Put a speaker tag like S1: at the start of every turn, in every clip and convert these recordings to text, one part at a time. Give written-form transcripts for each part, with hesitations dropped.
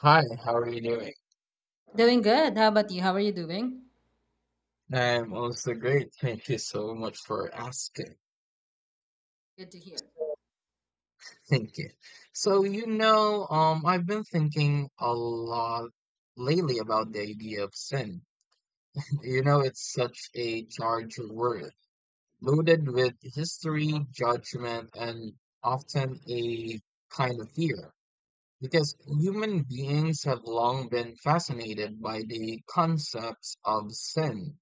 S1: Hi, how are you doing?
S2: Doing good. How about you? How are you doing?
S1: I'm also great. Thank you so much for asking.
S2: Good to hear.
S1: Thank you. So, I've been thinking a lot lately about the idea of sin. It's such a charged word, loaded with history, judgment, and often a kind of fear. Because human beings have long been fascinated by the concepts of sin.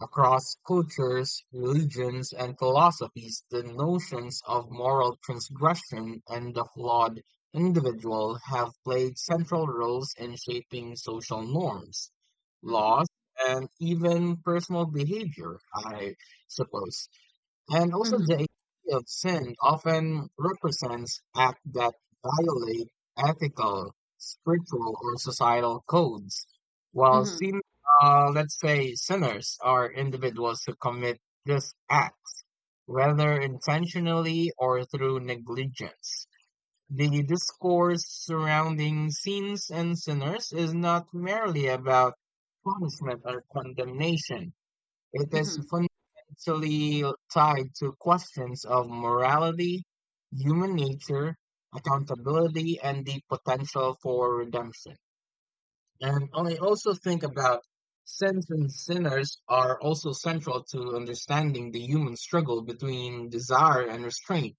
S1: Across cultures, religions, and philosophies, the notions of moral transgression and the flawed individual have played central roles in shaping social norms,
S2: Mm-hmm.
S1: laws, and even personal behavior, I suppose. And also, the
S2: Mm-hmm.
S1: idea of sin often represents acts that violate ethical, spiritual, or societal codes, while
S2: Mm-hmm.
S1: let's say sinners are individuals who commit this act, whether intentionally or through negligence. The discourse surrounding sins and sinners is not merely about punishment or condemnation. It is
S2: Mm-hmm.
S1: fundamentally tied to questions of morality, human nature, accountability, and the potential for redemption. And I also think about sins and sinners are also central to understanding the human struggle between desire and restraint,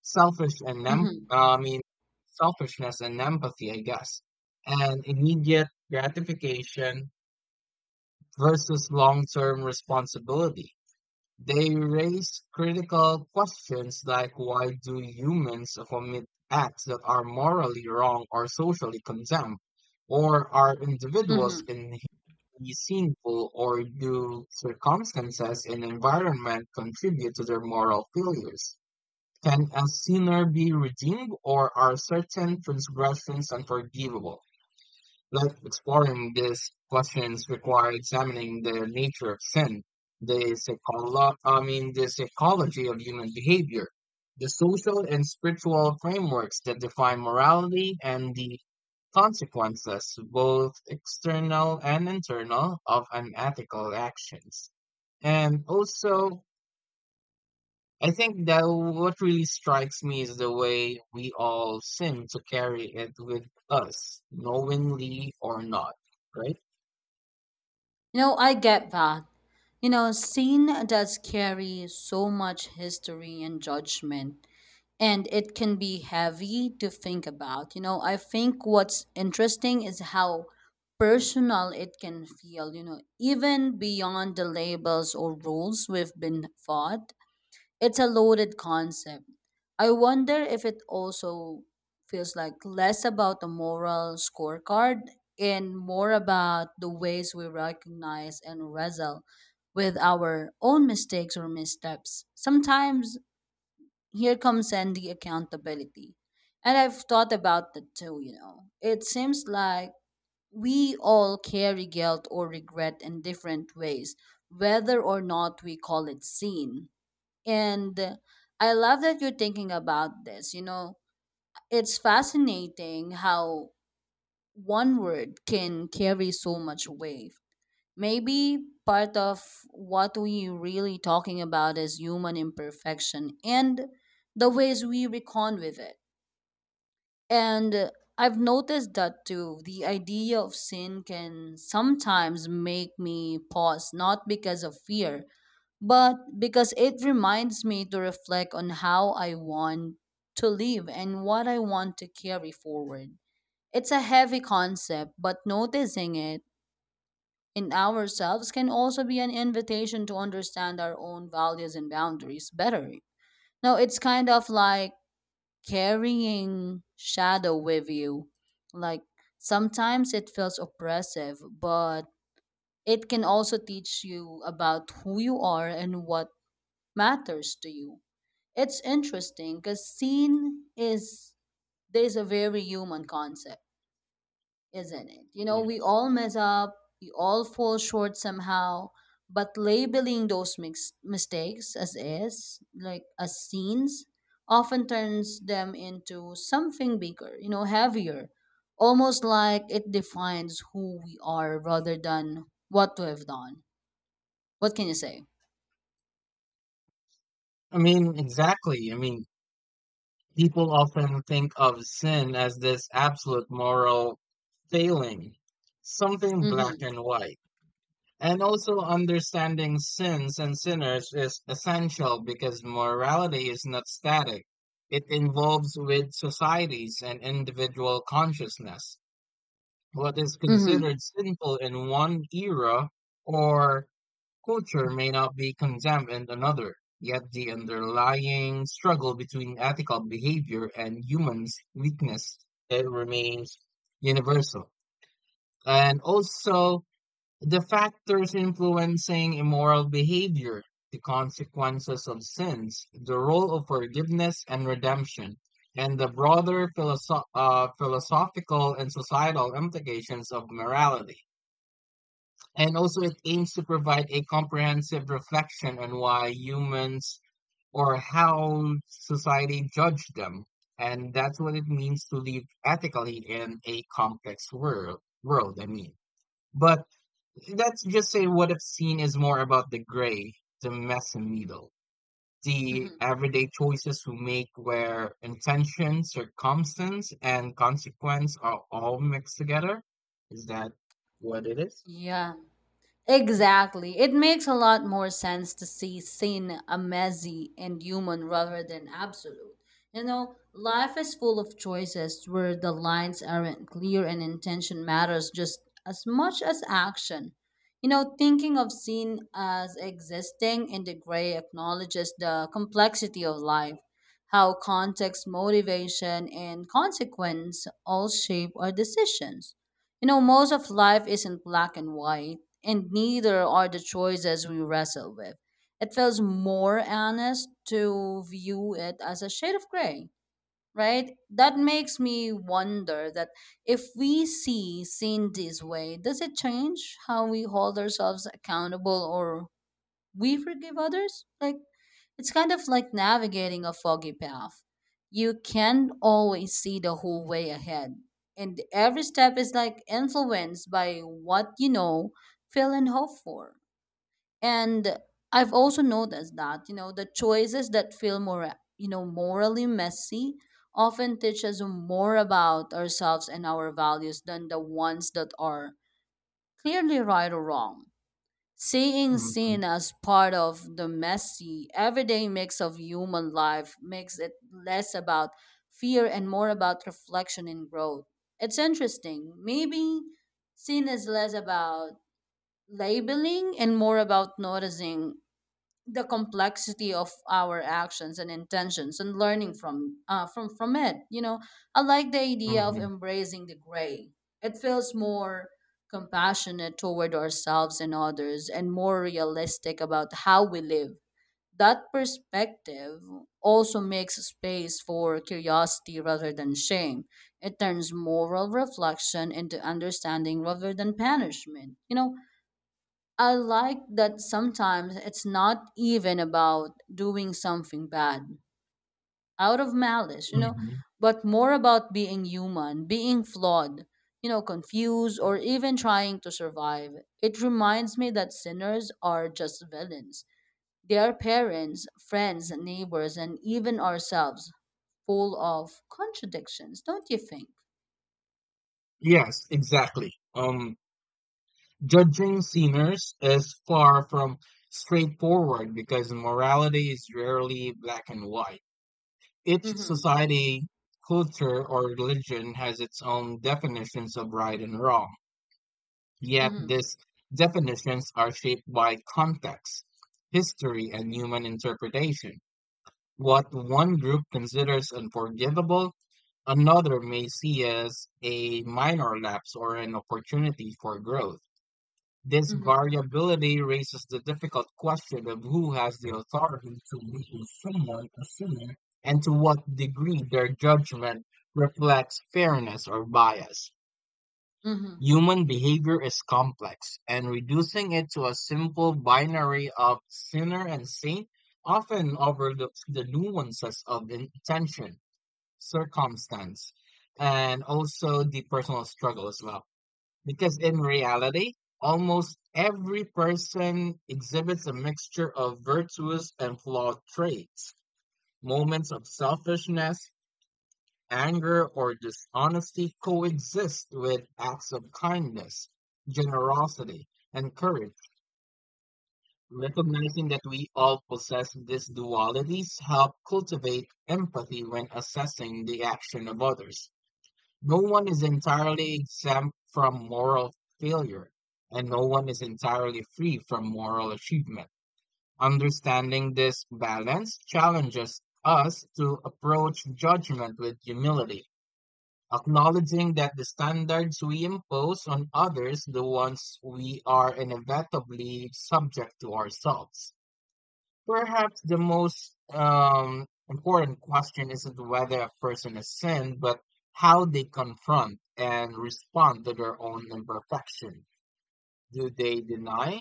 S2: Mm-hmm.
S1: I mean selfishness and empathy, I guess, and immediate gratification versus long-term responsibility. They raise critical questions like, why do humans commit acts that are morally wrong or socially condemned? Or are individuals
S2: Mm-hmm.
S1: inherently sinful, or do circumstances and environment contribute to their moral failures? Can a sinner be redeemed, or are certain transgressions unforgivable? Like, exploring these questions require examining the nature of sin, I mean the psychology of human behavior, the social and spiritual frameworks that define morality, and the consequences, both external and internal, of unethical actions. And also, I think that what really strikes me is the way we all seem to carry it with us, knowingly or not, right?
S2: You know, I get that. You know, scene does carry so much history and judgment, and it can be heavy to think about. You know, I think what's interesting is how personal it can feel, you know, even beyond the labels or rules we've been taught. It's a loaded concept. I wonder if it also feels like less about the moral scorecard and more about the ways we recognize and wrestle with our own mistakes or missteps. Sometimes here comes in the accountability. And I've thought about that too, you know. It seems like we all carry guilt or regret in different ways, whether or not we call it sin. And I love that you're thinking about this. You know, it's fascinating how one word can carry so much weight. Maybe part of what we really talking about is human imperfection and the ways we recon with it. And I've noticed that too. The idea of sin can sometimes make me pause, not because of fear, but because it reminds me to reflect on how I want to live and what I want to carry forward. It's a heavy concept, but noticing it in ourselves can also be an invitation to understand our own values and boundaries better. Now, it's kind of like carrying shadow with you. Like sometimes it feels oppressive, but it can also teach you about who you are and what matters to you. It's interesting because seen is there's a very human concept, isn't it? You know, we
S1: Yes.
S2: all mess up, we all fall short somehow, but labeling those mistakes as is, like as scenes, often turns them into something bigger, you know, heavier, almost like it defines who we are rather than what we have done. What can you say?
S1: I mean, exactly. I mean, people often think of sin as this absolute moral failing, something black
S2: Mm-hmm.
S1: and white. And also, understanding sins and sinners is essential because morality is not static. It involves with societies and individual consciousness. What is
S2: Mm-hmm.
S1: considered sinful in one era or culture may not be condemned in another, yet the underlying struggle between ethical behavior and humans' weakness, it remains universal. And also, the factors influencing immoral behavior, the consequences of sins, the role of forgiveness and redemption, and the broader philosophical and societal implications of morality. And also, it aims to provide a comprehensive reflection on why humans, or how society judged them. And that's what it means to live ethically in a complex world. World, I mean. But let's just say what I've seen is more about the gray, the messy middle, the
S2: Mm-hmm.
S1: everyday choices we make where intention, circumstance, and consequence are all mixed together. Is that what it is?
S2: Yeah. Exactly. It makes a lot more sense to see sin a messy and human rather than absolute. You know, life is full of choices where the lines aren't clear and intention matters just as much as action. You know, thinking of sin as existing in the gray acknowledges the complexity of life, how context, motivation, and consequence all shape our decisions. You know, most of life isn't black and white, and neither are the choices we wrestle with. It feels more honest to view it as a shade of gray, right? That makes me wonder that if we see seen this way, does it change how we hold ourselves accountable or we forgive others. Like it's kind of like navigating a foggy path. You can't always see the whole way ahead. And every step is like influenced by what you know, feel, and hope for. And I've also noticed that, you know, the choices that feel more, you know, morally messy often teach us more about ourselves and our values than the ones that are clearly right or wrong. Seeing
S1: Mm-hmm.
S2: sin as part of the messy, everyday mix of human life makes it less about fear and more about reflection and growth. It's interesting. Maybe sin is less about labeling and more about noticing the complexity of our actions and intentions and learning from it, you know. I like the idea of
S1: Mm-hmm.
S2: embracing the gray. It feels more compassionate toward ourselves and others and more realistic about how we live. That perspective also makes space for curiosity rather than shame. It turns moral reflection into understanding rather than punishment, you know. I like that sometimes it's not even about doing something bad out of malice, you know,
S1: Mm-hmm.
S2: but more about being human, being flawed, you know, confused, or even trying to survive. It reminds me that sinners are just villains. They are parents, friends, neighbors, and even ourselves, full of contradictions, don't you think?
S1: Yes, exactly. Judging sinners is far from straightforward because morality is rarely black and white. Each
S2: Mm hmm.
S1: society, culture, or religion has its own definitions of right and wrong,
S2: Mm
S1: yet
S2: hmm.
S1: these definitions are shaped by context, history, and human interpretation. What one group considers unforgivable, another may see as a minor lapse or an opportunity for growth. This
S2: Mm hmm.
S1: variability raises the difficult question of who has the authority to label someone a sinner, and to what degree their judgment reflects fairness or bias.
S2: Mm hmm.
S1: Human behavior is complex, and reducing it to a simple binary of sinner and saint often overlooks the nuances of intention, circumstance, and also the personal struggle as well. Because in reality, almost every person exhibits a mixture of virtuous and flawed traits. Moments of selfishness, anger, or dishonesty coexist with acts of kindness, generosity, and courage. Recognizing that we all possess these dualities help cultivate empathy when assessing the action of others. No one is entirely exempt from moral failure, and no one is entirely free from moral achievement. Understanding this balance challenges us to approach judgment with humility, acknowledging that the standards we impose on others, the ones we are inevitably subject to ourselves. Perhaps the most important question isn't whether a person has sinned, but how they confront and respond to their own imperfection. Do they deny,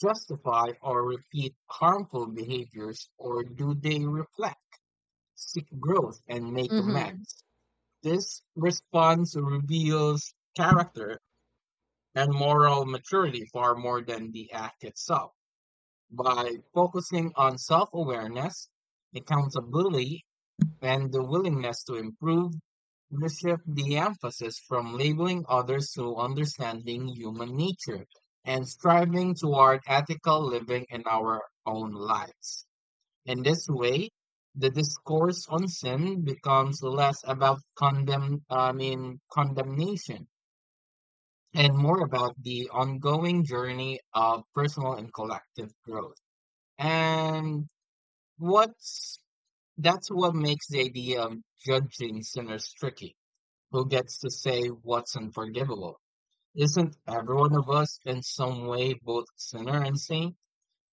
S1: justify, or repeat harmful behaviors, or do they reflect, seek growth, and make
S2: Mm hmm.
S1: amends? This response reveals character and moral maturity far more than the act itself. By focusing on self awareness, accountability, and the willingness to improve, we shift the emphasis from labeling others to understanding human nature and striving toward ethical living in our own lives. In this way, the discourse on sin becomes less about condemnation and more about the ongoing journey of personal and collective growth. And What's that's what makes the idea of judging sinners tricky. Who gets to say what's unforgivable? Isn't every one of us in some way both sinner and saint?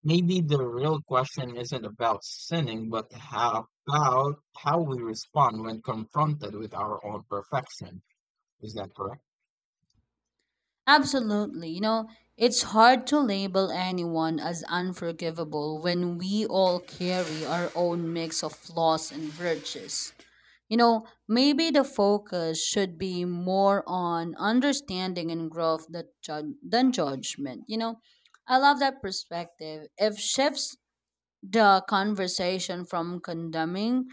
S1: Maybe the real question isn't about sinning, but how, about how we respond when confronted with our own perfection. Is that correct?
S2: Absolutely. You know, it's hard to label anyone as unforgivable when we all carry our own mix of flaws and virtues. You know, maybe the focus should be more on understanding and growth that than judgment. You know, I love that perspective. If shifts the conversation from condemning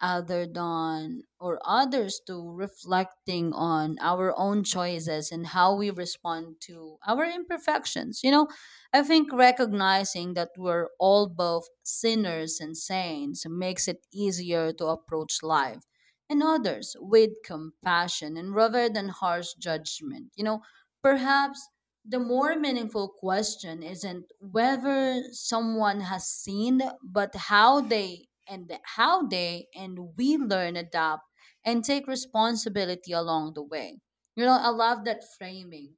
S2: other than or others to reflecting on our own choices and how we respond to our imperfections, you know. I think recognizing that we're all both sinners and saints makes it easier to approach life and others with compassion and rather than harsh judgment, you know. Perhaps the more meaningful question isn't whether someone has seen, but how they and we learn, adapt, and take responsibility along the way. You know, I love that framing.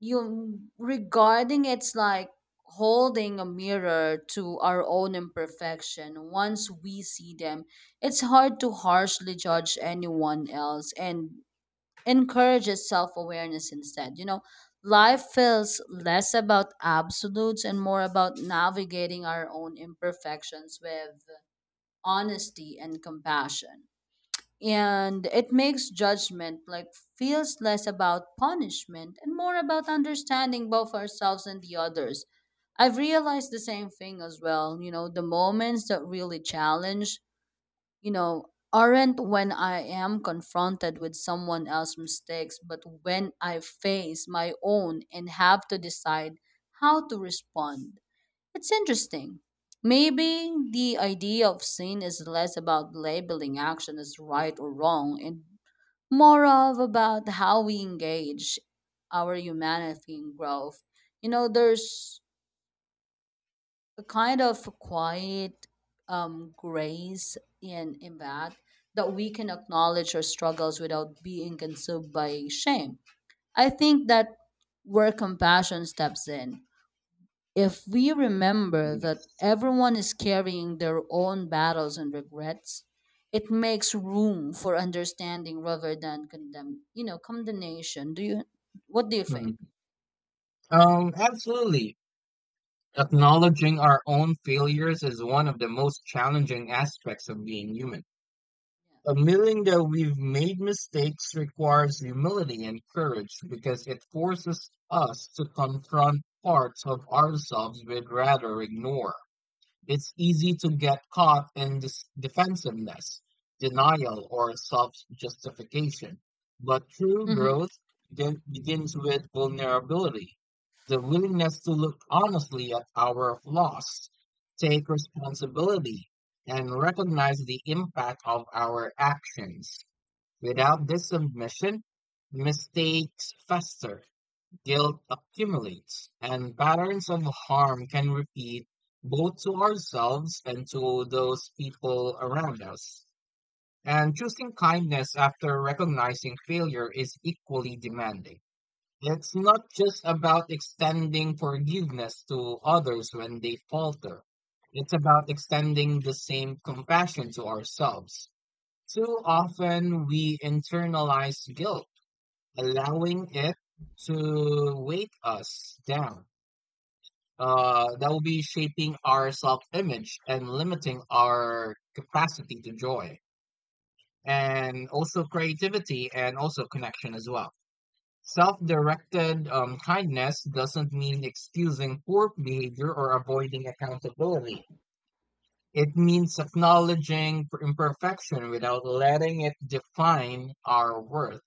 S2: You regarding it's like holding a mirror to our own imperfection. Once we see them, it's hard to harshly judge anyone else and encourages self awareness instead. You know, life feels less about absolutes and more about navigating our own imperfections with honesty and compassion. And it makes judgment like feels less about punishment and more about understanding both ourselves and the others. I've realized the same thing as well. You know, the moments that really challenge, you know, aren't when I am confronted with someone else's mistakes, but when I face my own and have to decide how to respond. It's interesting. Maybe the idea of sin is less about labeling action as right or wrong and more of about how we engage our humanity and growth. You know, there's a kind of quiet grace in that that we can acknowledge our struggles without being consumed by shame. I think that where compassion steps in. If we remember that
S1: Yes.
S2: everyone is carrying their own battles and regrets, it makes room for understanding rather than condemn, you know, condemnation. Do you? What do you think?
S1: Mm. Absolutely. Acknowledging our own failures is one of the most challenging aspects of being human. Admitting that we've made mistakes requires humility and courage because it forces us to confront parts of ourselves we'd rather ignore. It's easy to get caught in this defensiveness, denial, or self justification. But true
S2: Yeah. Hmm.
S1: growth begins with vulnerability, the willingness to look honestly at our flaws, take responsibility, and recognize the impact of our actions. Without this submission, mistakes fester. Guilt accumulates, and patterns of harm can repeat, both to ourselves and to those people around us. And choosing kindness after recognizing failure is equally demanding. It's not just about extending forgiveness to others when they falter. It's about extending the same compassion to ourselves. Too often we internalize guilt, allowing it to weight us down. That will be shaping our self image and limiting our capacity to joy, and also creativity, and also connection as well. Self directed kindness doesn't mean excusing poor behavior or avoiding accountability. It means acknowledging imperfection without letting it define our worth.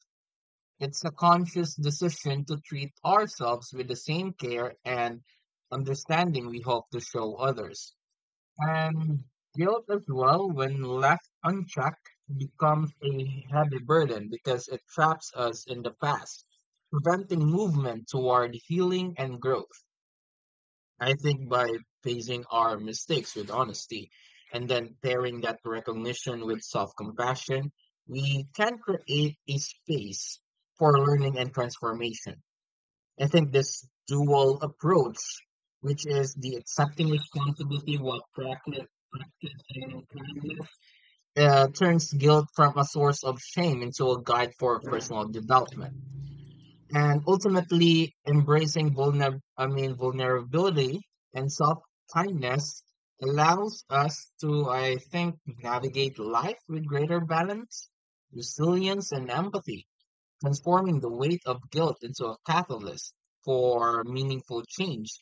S1: It's a conscious decision to treat ourselves with the same care and understanding we hope to show others. And guilt as well, when left unchecked, becomes a heavy burden because it traps us in the past, preventing movement toward healing and growth. I think by facing our mistakes with honesty and then pairing that recognition with self-compassion, we can create a space for learning and transformation. I think this dual approach, which is the accepting responsibility while practicing kindness, turns guilt from a source of shame into a guide for personal development, and ultimately embracing vulner I mean vulnerability and self kindness allows us to, I think, navigate life with greater balance, resilience, and empathy, transforming the weight of guilt into a catalyst for meaningful change.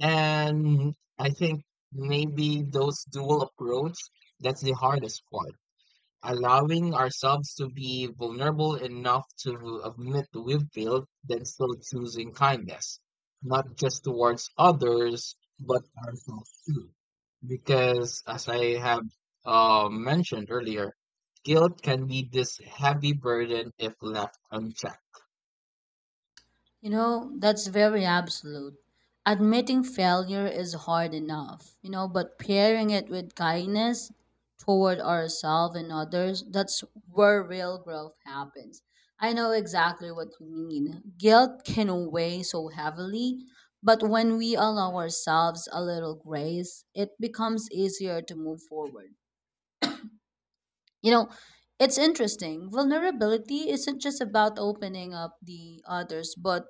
S1: And I think maybe those dual approach, that's the hardest part, allowing ourselves to be vulnerable enough to admit we've failed, then still choosing kindness, not just towards others, but ourselves too. Because as I have mentioned earlier, guilt can be this heavy burden if left unchecked.
S2: You know, that's very absolute. Admitting failure is hard enough, you know, but pairing it with kindness toward ourselves and others, that's where real growth happens. I know exactly what you mean. Guilt can weigh so heavily, but when we allow ourselves a little grace, it becomes easier to move forward. You know, it's interesting. Vulnerability isn't just about opening up the others, but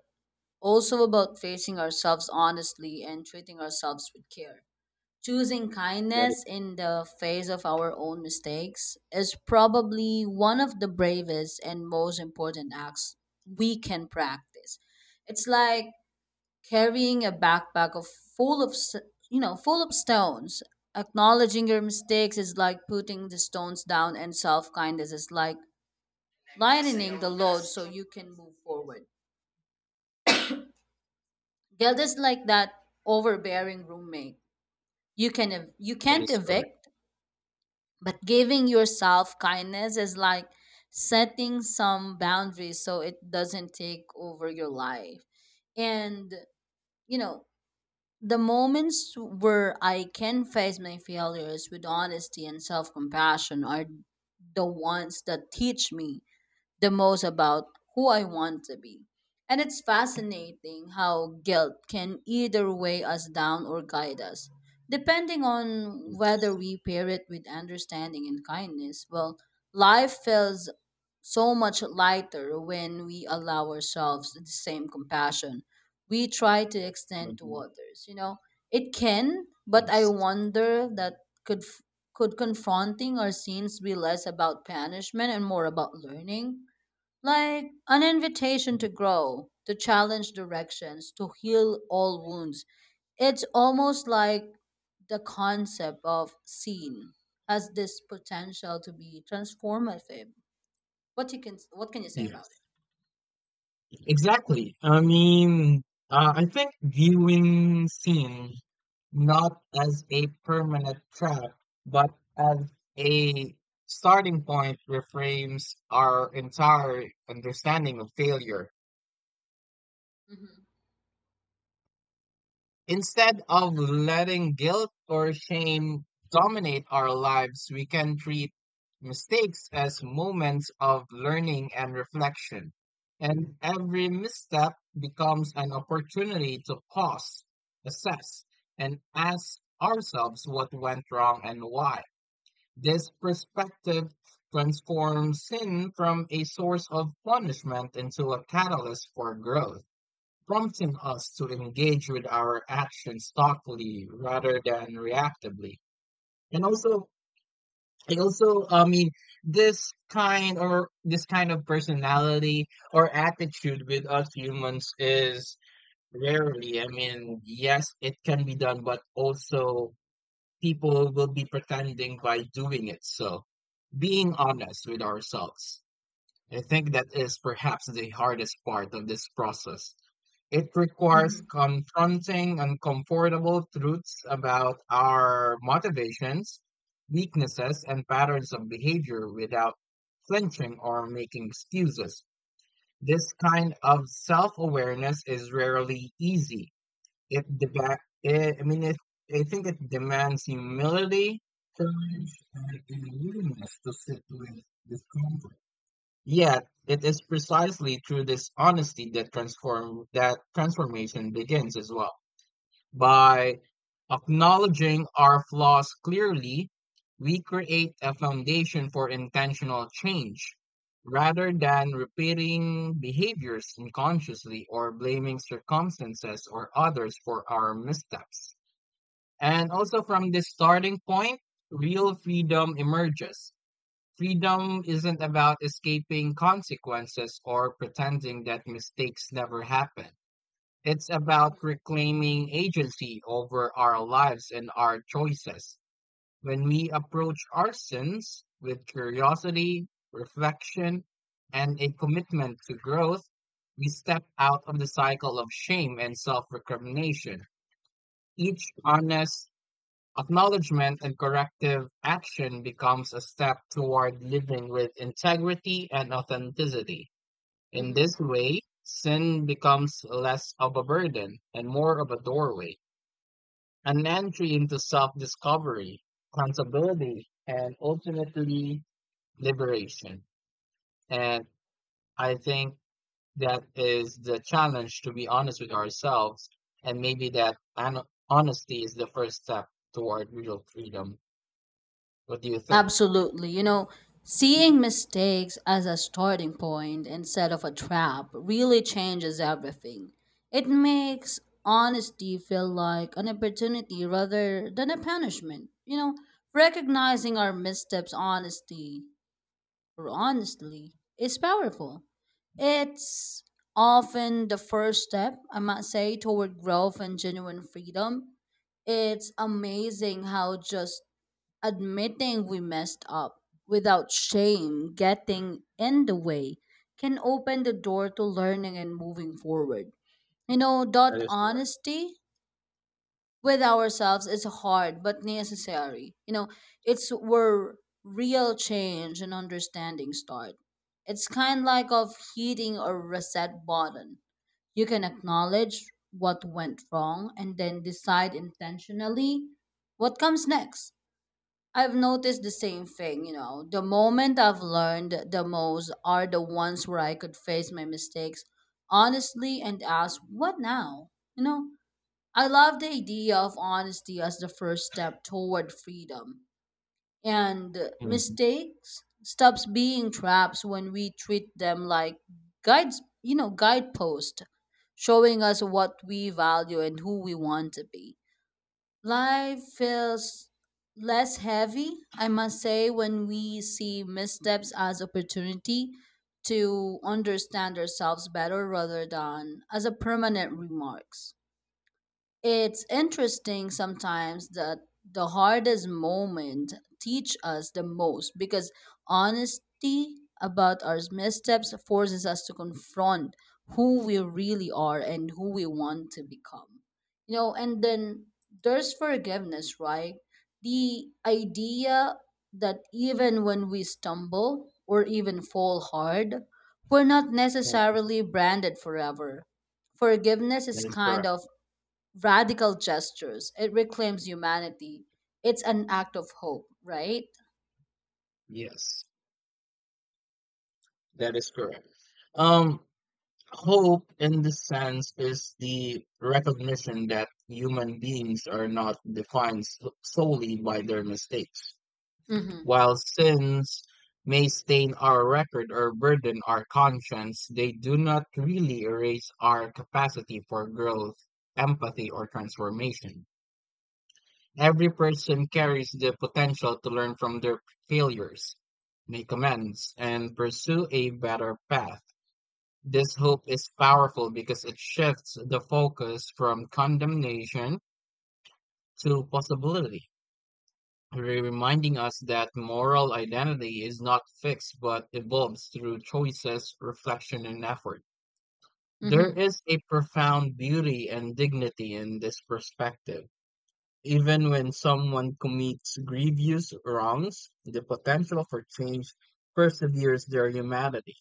S2: also about facing ourselves honestly and treating ourselves with care. Choosing
S1: That is,
S2: kindness in the face of our own mistakes is probably one of the bravest and most important acts we can practice. It's like carrying a backpack of full of s- you know, full of stones. Acknowledging your mistakes is like putting the stones down, and self kindness is like lightening the load so you can move forward. Guilt is like that overbearing roommate. You
S1: that
S2: can't
S1: is correct.
S2: evict, but giving yourself kindness is like setting some boundaries so it doesn't take over your life. And you know, the moments where I can face my failures with honesty and self-compassion are the ones that teach me the most about who I want to be. And it's fascinating how guilt can either weigh us down or guide us, depending on whether
S1: Yes.
S2: we pair it with understanding and kindness. Well, life feels so much lighter when we allow ourselves the same compassion we try to extend to
S1: Mhm.
S2: others. You know, it can, but I
S1: Yes.
S2: wonder that could could confronting our sins be less about punishment and more about learning? Like an invitation
S1: Mm.
S2: to grow, to challenge directions, to heal all wounds. It's almost like the concept of scene has this potential to be transformative. What you can what can you say about it?
S1: Yes. Exactly. I mean, I think viewing scenes not as a permanent trap, but as a starting point, reframes our entire understanding of failure.
S2: Hmm.
S1: Instead of letting guilt or shame dominate our lives, we can treat mistakes as moments of learning and reflection. And every misstep becomes an opportunity to pause, assess, and ask ourselves what went wrong and why. This perspective transforms sin from a source of punishment into a catalyst for growth, prompting us to engage with our actions thoughtfully rather than reactively. And also, I mean, this kind of personality or attitude with us humans is rarely. I mean, yes, it can be done, but also people will be pretending by doing it. So being honest with ourselves, I think that is perhaps the hardest part of this process. It requires
S2: Hmm.
S1: confronting uncomfortable truths about our motivations, weaknesses, and patterns of behavior without flinching or making excuses. This kind of self awareness is rarely easy. It, deba- it I mean, it, I think it demands humility, courage, and a willingness to sit with discomfort. Yet it is precisely through this honesty that transform that transformation begins as well. By acknowledging our flaws clearly, we create a foundation for intentional change, rather than repeating behaviors unconsciously or blaming circumstances or others for our missteps. And also, from this starting point, real freedom emerges. Freedom isn't about escaping consequences or pretending that mistakes never happen. It's about
S2: Hmm.
S1: reclaiming agency over our lives and our choices. When we approach our sins with curiosity, reflection, and a commitment to growth, we step out of the cycle of shame and self recrimination. Each honest acknowledgement and corrective action becomes a step toward living with integrity and authenticity. In
S2: Hmm.
S1: this way, sin becomes less of a burden and more of a doorway, an entry into self discovery, accountability, and ultimately liberation. And I think that is the challenge to be honest with ourselves. And maybe honesty is the first step toward real freedom. What do you think?
S2: Absolutely. You know, seeing mistakes as a starting point instead of a trap really changes everything. It makes honesty feel like an opportunity rather than a punishment. You know, recognizing our missteps honesty or honestly is powerful. It's often the first step, I might say, toward growth and genuine freedom. It's amazing how just admitting we messed up without shame getting in the way can open the door to learning and moving forward. You know, that
S1: That is correct.
S2: honesty with ourselves is hard but necessary. You know, it's where real change and understanding start. It's kind like of hitting a reset button. You can acknowledge what went wrong and then decide intentionally what comes next. I've noticed the same thing, you know. The moment I've learned the most are the ones where I could face my mistakes honestly and ask, what now? You know, I love the idea of honesty as the first step toward freedom. And
S1: Mhm,
S2: mistakes stops being traps when we treat them like guides, you know, guideposts showing us what we value and who we want to be. Life feels less heavy, I must say, when we see missteps as opportunity to understand ourselves better rather than as a permanent remarks. It's interesting sometimes that the hardest moment teach us the most because honesty about our missteps forces us to confront who we really are and who we want to become. You know, and then there's forgiveness, right? The idea that even when we stumble or even fall hard, we're not
S1: mhm.
S2: necessarily branded forever. Forgiveness
S1: That
S2: is
S1: is
S2: kind
S1: correct.
S2: of radical gestures. It reclaims humanity. It's an act of hope, right?
S1: Yes, that is correct. Um, Hope in this sense is the recognition that human beings are not defined solely by their mistakes.
S2: Mm-hmm.
S1: While sins may stain our record or burden our conscience, they do not really erase our capacity for growth, empathy, or transformation. Every person carries the potential to learn from their failures, make amends, and pursue a better path. This hope is powerful because it shifts the focus from condemnation to possibility, reminding us that moral identity is not fixed but evolves through choices, reflection, and effort. There
S2: Mm-hmm.
S1: is a profound beauty and dignity in this perspective. Even when someone commits grievous wrongs, the potential for change perseveres their humanity.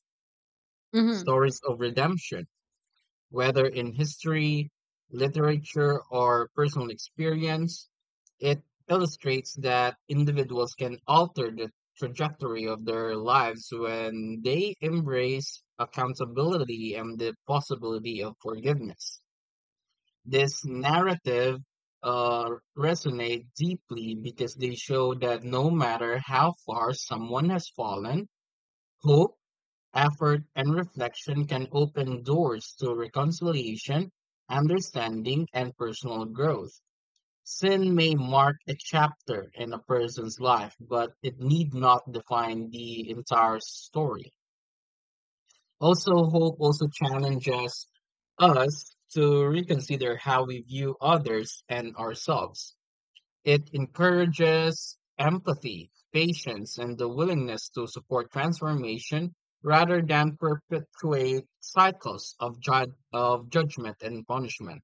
S2: Mm-hmm.
S1: Stories of redemption, whether in history, literature, or personal experience, it illustrates that individuals can alter the trajectory of their lives when they embrace accountability and the possibility of forgiveness. This narrative uh, resonate deeply because they show that no matter how far someone has fallen, hope, effort, and reflection can open doors to reconciliation, understanding, and personal growth. Sin may mark a chapter in a person's life, but it need not define the entire story. Also, hope also challenges us to reconsider how we view others and ourselves. It encourages empathy, patience, and the willingness to support transformation rather than perpetuate cycles of judgment and punishment.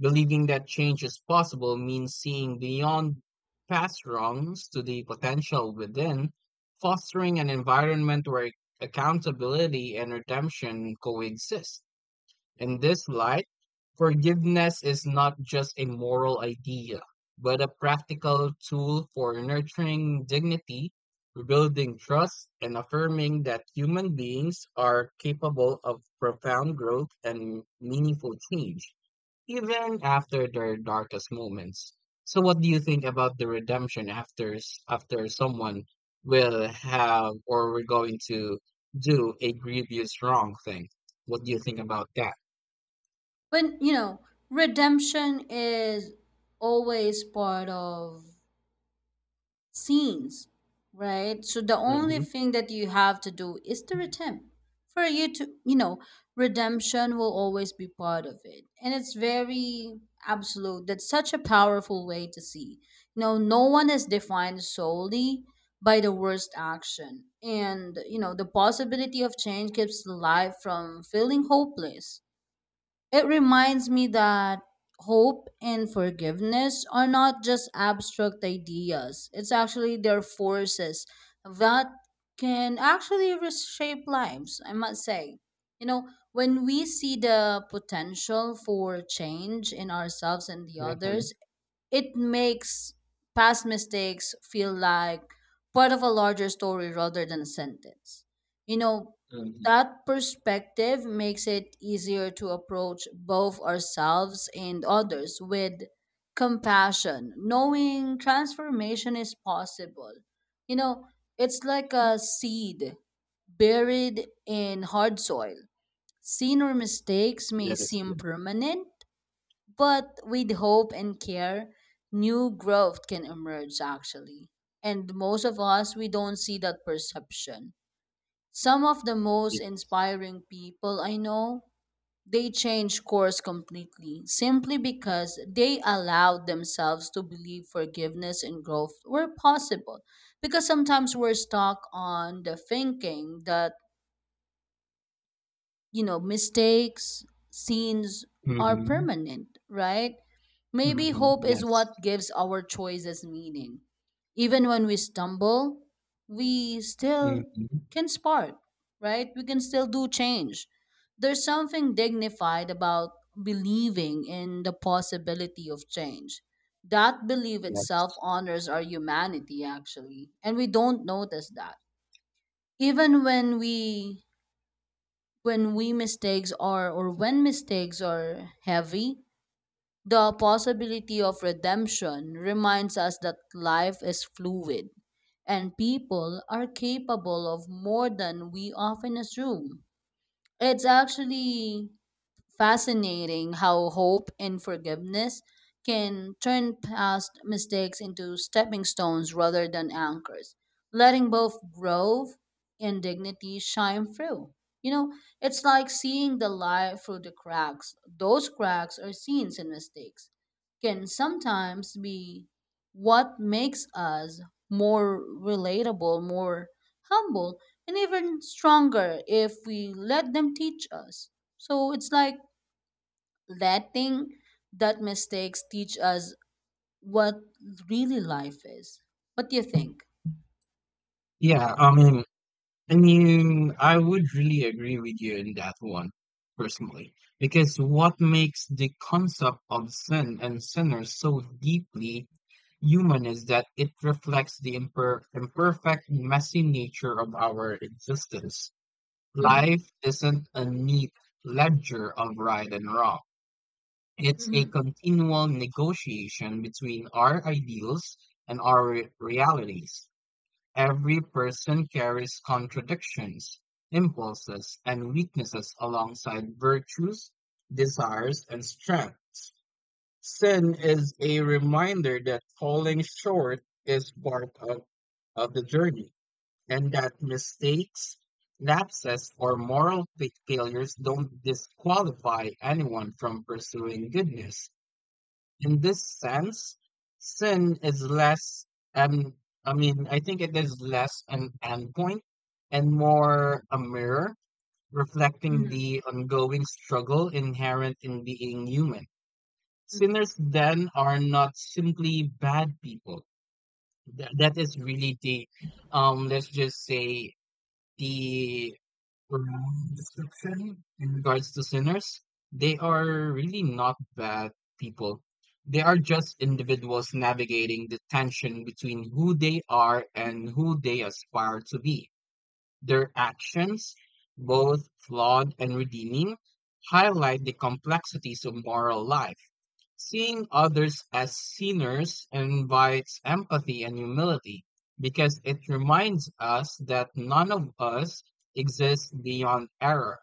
S1: Believing that change is possible means seeing beyond past wrongs to the potential within, fostering an environment where accountability and redemption coexist. In this light, forgiveness is not just a moral idea, but a practical tool for nurturing dignity, rebuilding trust, and affirming that human beings are capable of profound growth and meaningful change even after their darkest moments. So, what do you think about the redemption after after someone will have or we're going to do a grievous wrong thing? What do you think about that?
S2: But you know, redemption is always part of scenes, right? So the only
S1: Mm-hmm.
S2: thing that you have to do is to redeem. For you to, you know, redemption will always be part of it. And it's very absolute. That's such a powerful way to see. You know, no one is defined solely by the worst action. And, you know, the possibility of change keeps life from feeling hopeless. It reminds me that hope and forgiveness are not just abstract ideas, it's actually their forces that can actually reshape lives, I must say. You know, when we see the potential for change in ourselves and the
S1: Mm-hmm.
S2: others, it makes past mistakes feel like part of a larger story rather than a sentence. You know,
S1: Mm-hmm.
S2: that perspective makes it easier to approach both ourselves and others with compassion, knowing transformation is possible. You know, it's like a seed buried in hard soil. Seen or mistakes may
S1: That is
S2: seem
S1: good.
S2: permanent, but with hope and care, new growth can emerge actually. And most of us, we don't see that perception. Some of the most
S1: Yes.
S2: inspiring people I know, they change course completely simply because they allowed themselves to believe forgiveness and growth were possible. Because sometimes we're stuck on the thinking that, you know, mistakes scenes are
S1: Mm-hmm.
S2: permanent, right? Maybe
S1: Mm-hmm.
S2: hope is
S1: Yes.
S2: what gives our choices meaning. Even when we stumble, we still
S1: Mm-hmm.
S2: can spark, right? We can still do change. There's something dignified about believing in the possibility of change. That belief itself
S1: Yes.
S2: honors our humanity actually, and we don't notice that. Even when we mistakes are or when mistakes are heavy, the possibility of redemption reminds us that life is fluid and people are capable of more than we often assume. It's actually fascinating how hope and forgiveness can turn past mistakes into stepping stones rather than anchors, letting both growth and dignity shine through. You know, it's like seeing the light through the cracks. Those cracks or scenes and mistakes can sometimes be what makes us more relatable, more humble, and even stronger if we let them teach us. So it's like letting that mistakes teach us what really life is. What do you think?
S1: Yeah. I mean, I would really agree with you in that one, personally, because what makes the concept of sin and sinner so deeply human is that it reflects the imperfect, messy nature of our existence.
S2: Mhm,
S1: Life isn't a neat ledger of right and wrong. It's a
S2: mhm,
S1: continual negotiation between our ideals and our realities. Every person carries contradictions, impulses, and weaknesses alongside virtues, desires, and strength. Sin is a reminder that falling short is part of the journey and that mistakes, lapses, or moral failures don't disqualify anyone from pursuing goodness. In this sense, sin is less, um, I mean, I think it is less an endpoint and more a mirror reflecting
S2: mhm,
S1: the ongoing struggle inherent in being human.
S2: mhm,
S1: Sinners then are not simply bad people. That is really the, let's just say the description in regards to sinners, they are really not bad people. They are just individuals navigating the tension between who they are and who they aspire to be. Their actions, both flawed and redeeming, highlight the complexities of moral life. Seeing others as sinners invites empathy and humility because it reminds us that none of us exists beyond error.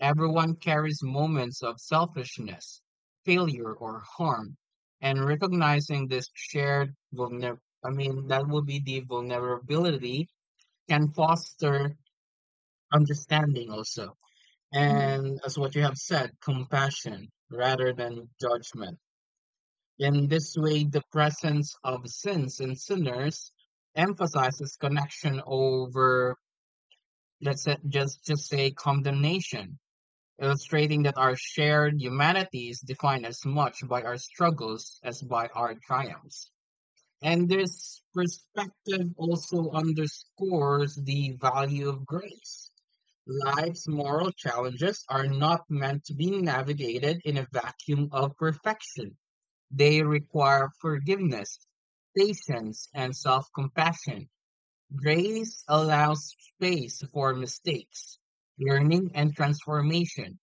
S1: Everyone carries moments of selfishness, failure, or harm. And recognizing this shared vulner I mean, that will be the vulnerability can foster understanding also.
S2: mhm,
S1: And as what you have said, compassion rather than judgment. In this way, the presence of sins and sinners emphasizes connection over, let's say, just say condemnation, illustrating that our shared humanity is defined as much by our struggles as by our triumphs. And this perspective also underscores the value of grace. Life's moral challenges are not meant to be navigated in a vacuum of perfection. They require forgiveness, patience, and self-compassion. Grace allows space for mistakes, learning, and transformation.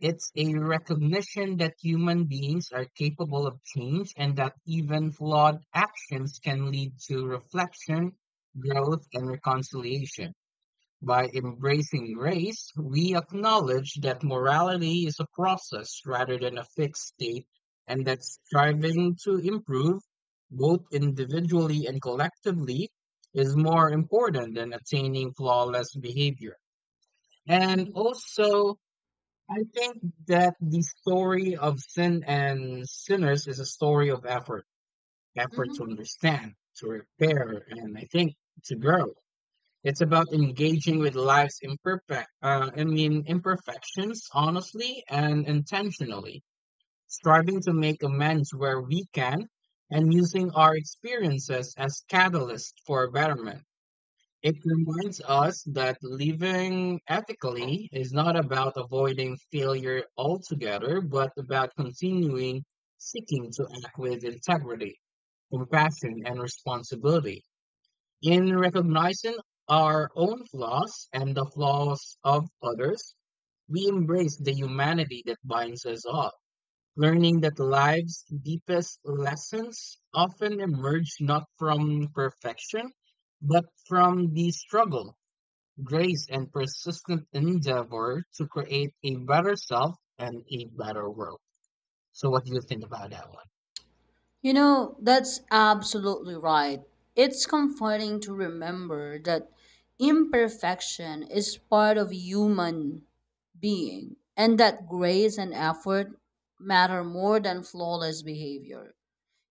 S1: It's a recognition that human beings are capable of change and that even flawed actions can lead to reflection, growth, and reconciliation. By embracing grace, we acknowledge that morality is a process rather than a fixed state, and that striving to improve, both individually and collectively, is more important than attaining flawless behavior. And
S2: mhm,
S1: also, I think that the story of sin and sinners is a story of effort, effort to
S2: mhm.
S1: understand, to repair, and I think to grow. It's about engaging with life's imperfect, I mean, imperfections honestly and intentionally, striving to make amends where we can, and using our experiences as catalysts for betterment. It reminds us that living ethically is not about avoiding failure altogether, but about continuing seeking to act with integrity, compassion, and responsibility. In recognizing our own flaws and the flaws of others, we embrace the humanity that binds us all, learning that life's deepest lessons often emerge not from perfection, but from the struggle, grace, and persistent endeavor to create a better self and a better world. So, what do you think about that one?
S2: You know, that's absolutely right. It's comforting to remember that imperfection is part of human being and that grace and effort matter more than flawless behavior.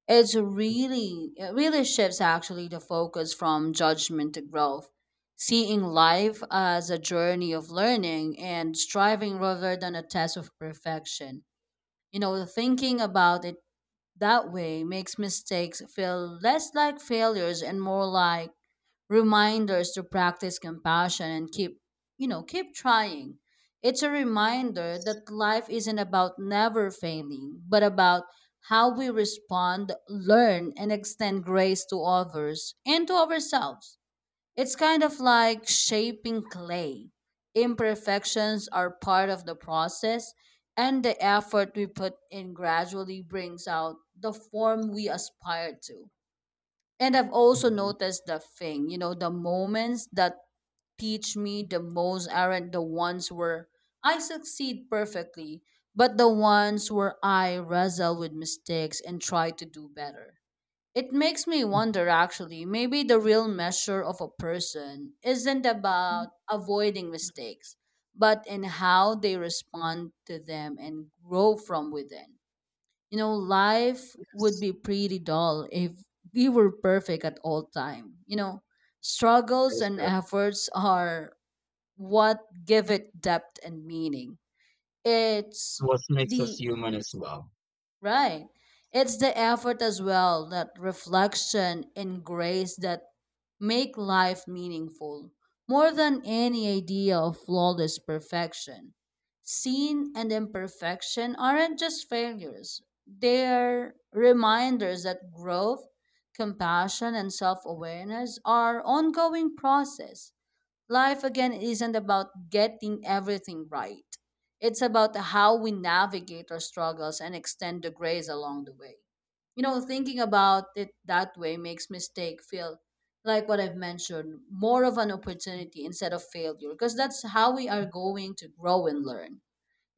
S2: It's really, it really shifts actually the focus from judgment to growth, seeing life as a journey of learning and striving rather than a test of perfection. You know, thinking about it that way makes mistakes feel less like failures and more like reminders to practice compassion and keep you know keep trying. It's a reminder that life isn't about never failing but about how we respond, learn, and extend grace to others and to ourselves. It's kind of like shaping clay. Imperfections are part of the process, and the effort we put in gradually brings out the form we aspire to. And I've also
S1: Mhm.
S2: noticed the thing, you know, the moments that teach me the most aren't the ones where I succeed perfectly, but the ones where I wrestle with mistakes and try to do better. It makes me wonder actually, maybe the real measure of a person isn't about avoiding mistakes, but in how they respond to them and grow from within. You know, life would
S1: Yes,
S2: be pretty dull if we were perfect at all time. You know,
S1: that
S2: struggles
S1: is
S2: and
S1: correct.
S2: efforts are what give it depth and meaning. It's
S1: It was makes us
S2: the
S1: human as well.
S2: Right. It's the effort as well, that reflection and grace that make life meaningful, more than any idea of flawless perfection. Sin and imperfection aren't just failures, they're reminders that growth, compassion, and self awareness are ongoing process. Life again isn't about getting everything right. It's about how we navigate our struggles and extend the grace along the way. You know, thinking about it that way makes mistake feel like what I've mentioned, more of an opportunity instead of failure, because that's how we are going to grow and learn.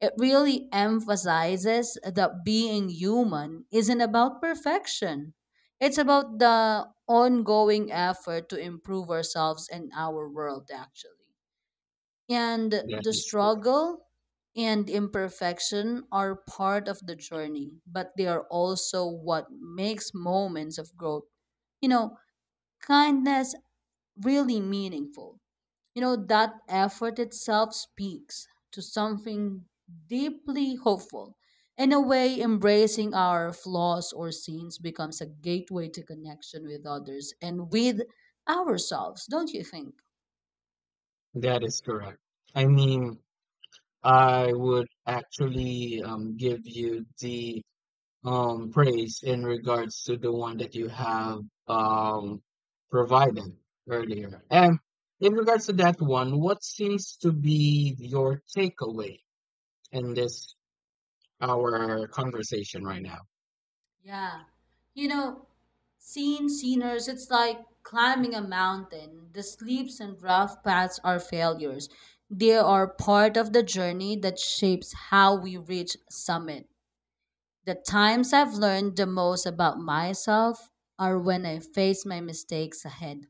S2: It really emphasizes that being human isn't about perfection. It's about the ongoing effort to improve ourselves and our world, actually. And
S1: That
S2: the
S1: is correct.
S2: struggle and imperfection are part of the journey, but they are also what makes moments of growth, you know, kindness really meaningful. You know, that effort itself speaks to something deeply hopeful. In a way, embracing our flaws or sins becomes a gateway to connection with others and with ourselves, don't you think?
S1: That is correct. I mean, I would actually give you the praise in regards to the one that you have um, provided earlier. And in regards to that one, what seems to be your takeaway in this our conversation right now?
S2: Yeah. You know, seeing sinners, it's like climbing a mountain. The slips and rough paths are failures. They are part of the journey that shapes how we reach summit. The times I've learned the most about myself are when I face my mistakes ahead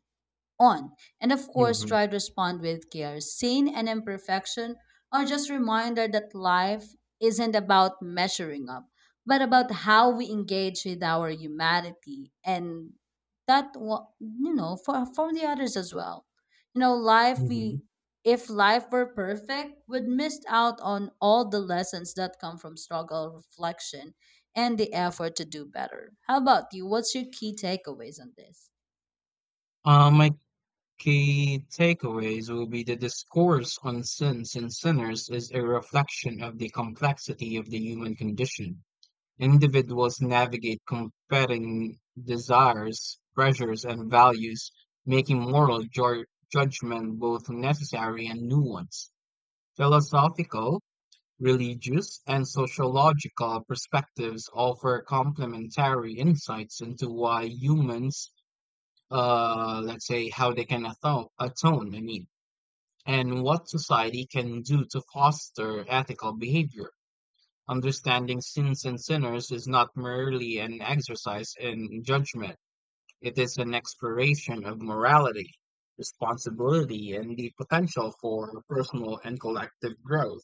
S2: on. And of course,
S1: Hmm.
S2: try to respond with care. Sin and imperfection are just reminder that life isn't about measuring up, but about how we engage with our humanity and that you know, for the others as well. You know, life
S1: Hmm.
S2: we if life were perfect, would miss out on all the lessons that come from struggle, reflection, and the effort to do better. How about you? What's your key takeaways on this?
S1: My key takeaways will be the discourse on sins and sinners is a reflection of the complexity of the human condition. Individuals navigate competing desires, pressures, and values, making moral judgment both necessary and nuanced. Philosophical, religious, and sociological perspectives offer complementary insights into why humans, let's say, how they can atone, I mean, and what society can do to foster ethical behavior. Understanding sins and sinners is not merely an exercise in judgment, it is an exploration of morality, responsibility, and the potential for personal and collective growth.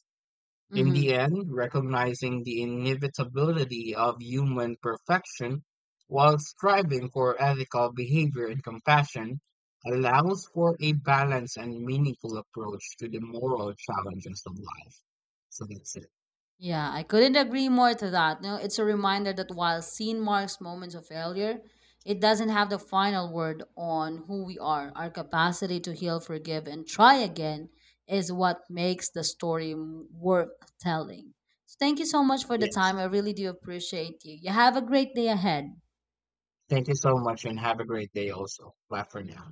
S1: In
S2: Mm-hmm.
S1: the end, recognizing the inevitability of human perfection while striving for ethical behavior and compassion allows for a balanced and meaningful approach to the moral challenges of life. So that's it.
S2: Yeah, I couldn't agree more to that. No, it's a reminder that while sin marks moments of failure, it doesn't have the final word on who we are. Our capacity to heal, forgive, and try again is what makes the story worth telling. So thank you so much for the time.
S1: Yes.
S2: I really do appreciate you. You have a great day ahead.
S1: Thank you so much and have a great day also. Bye for now.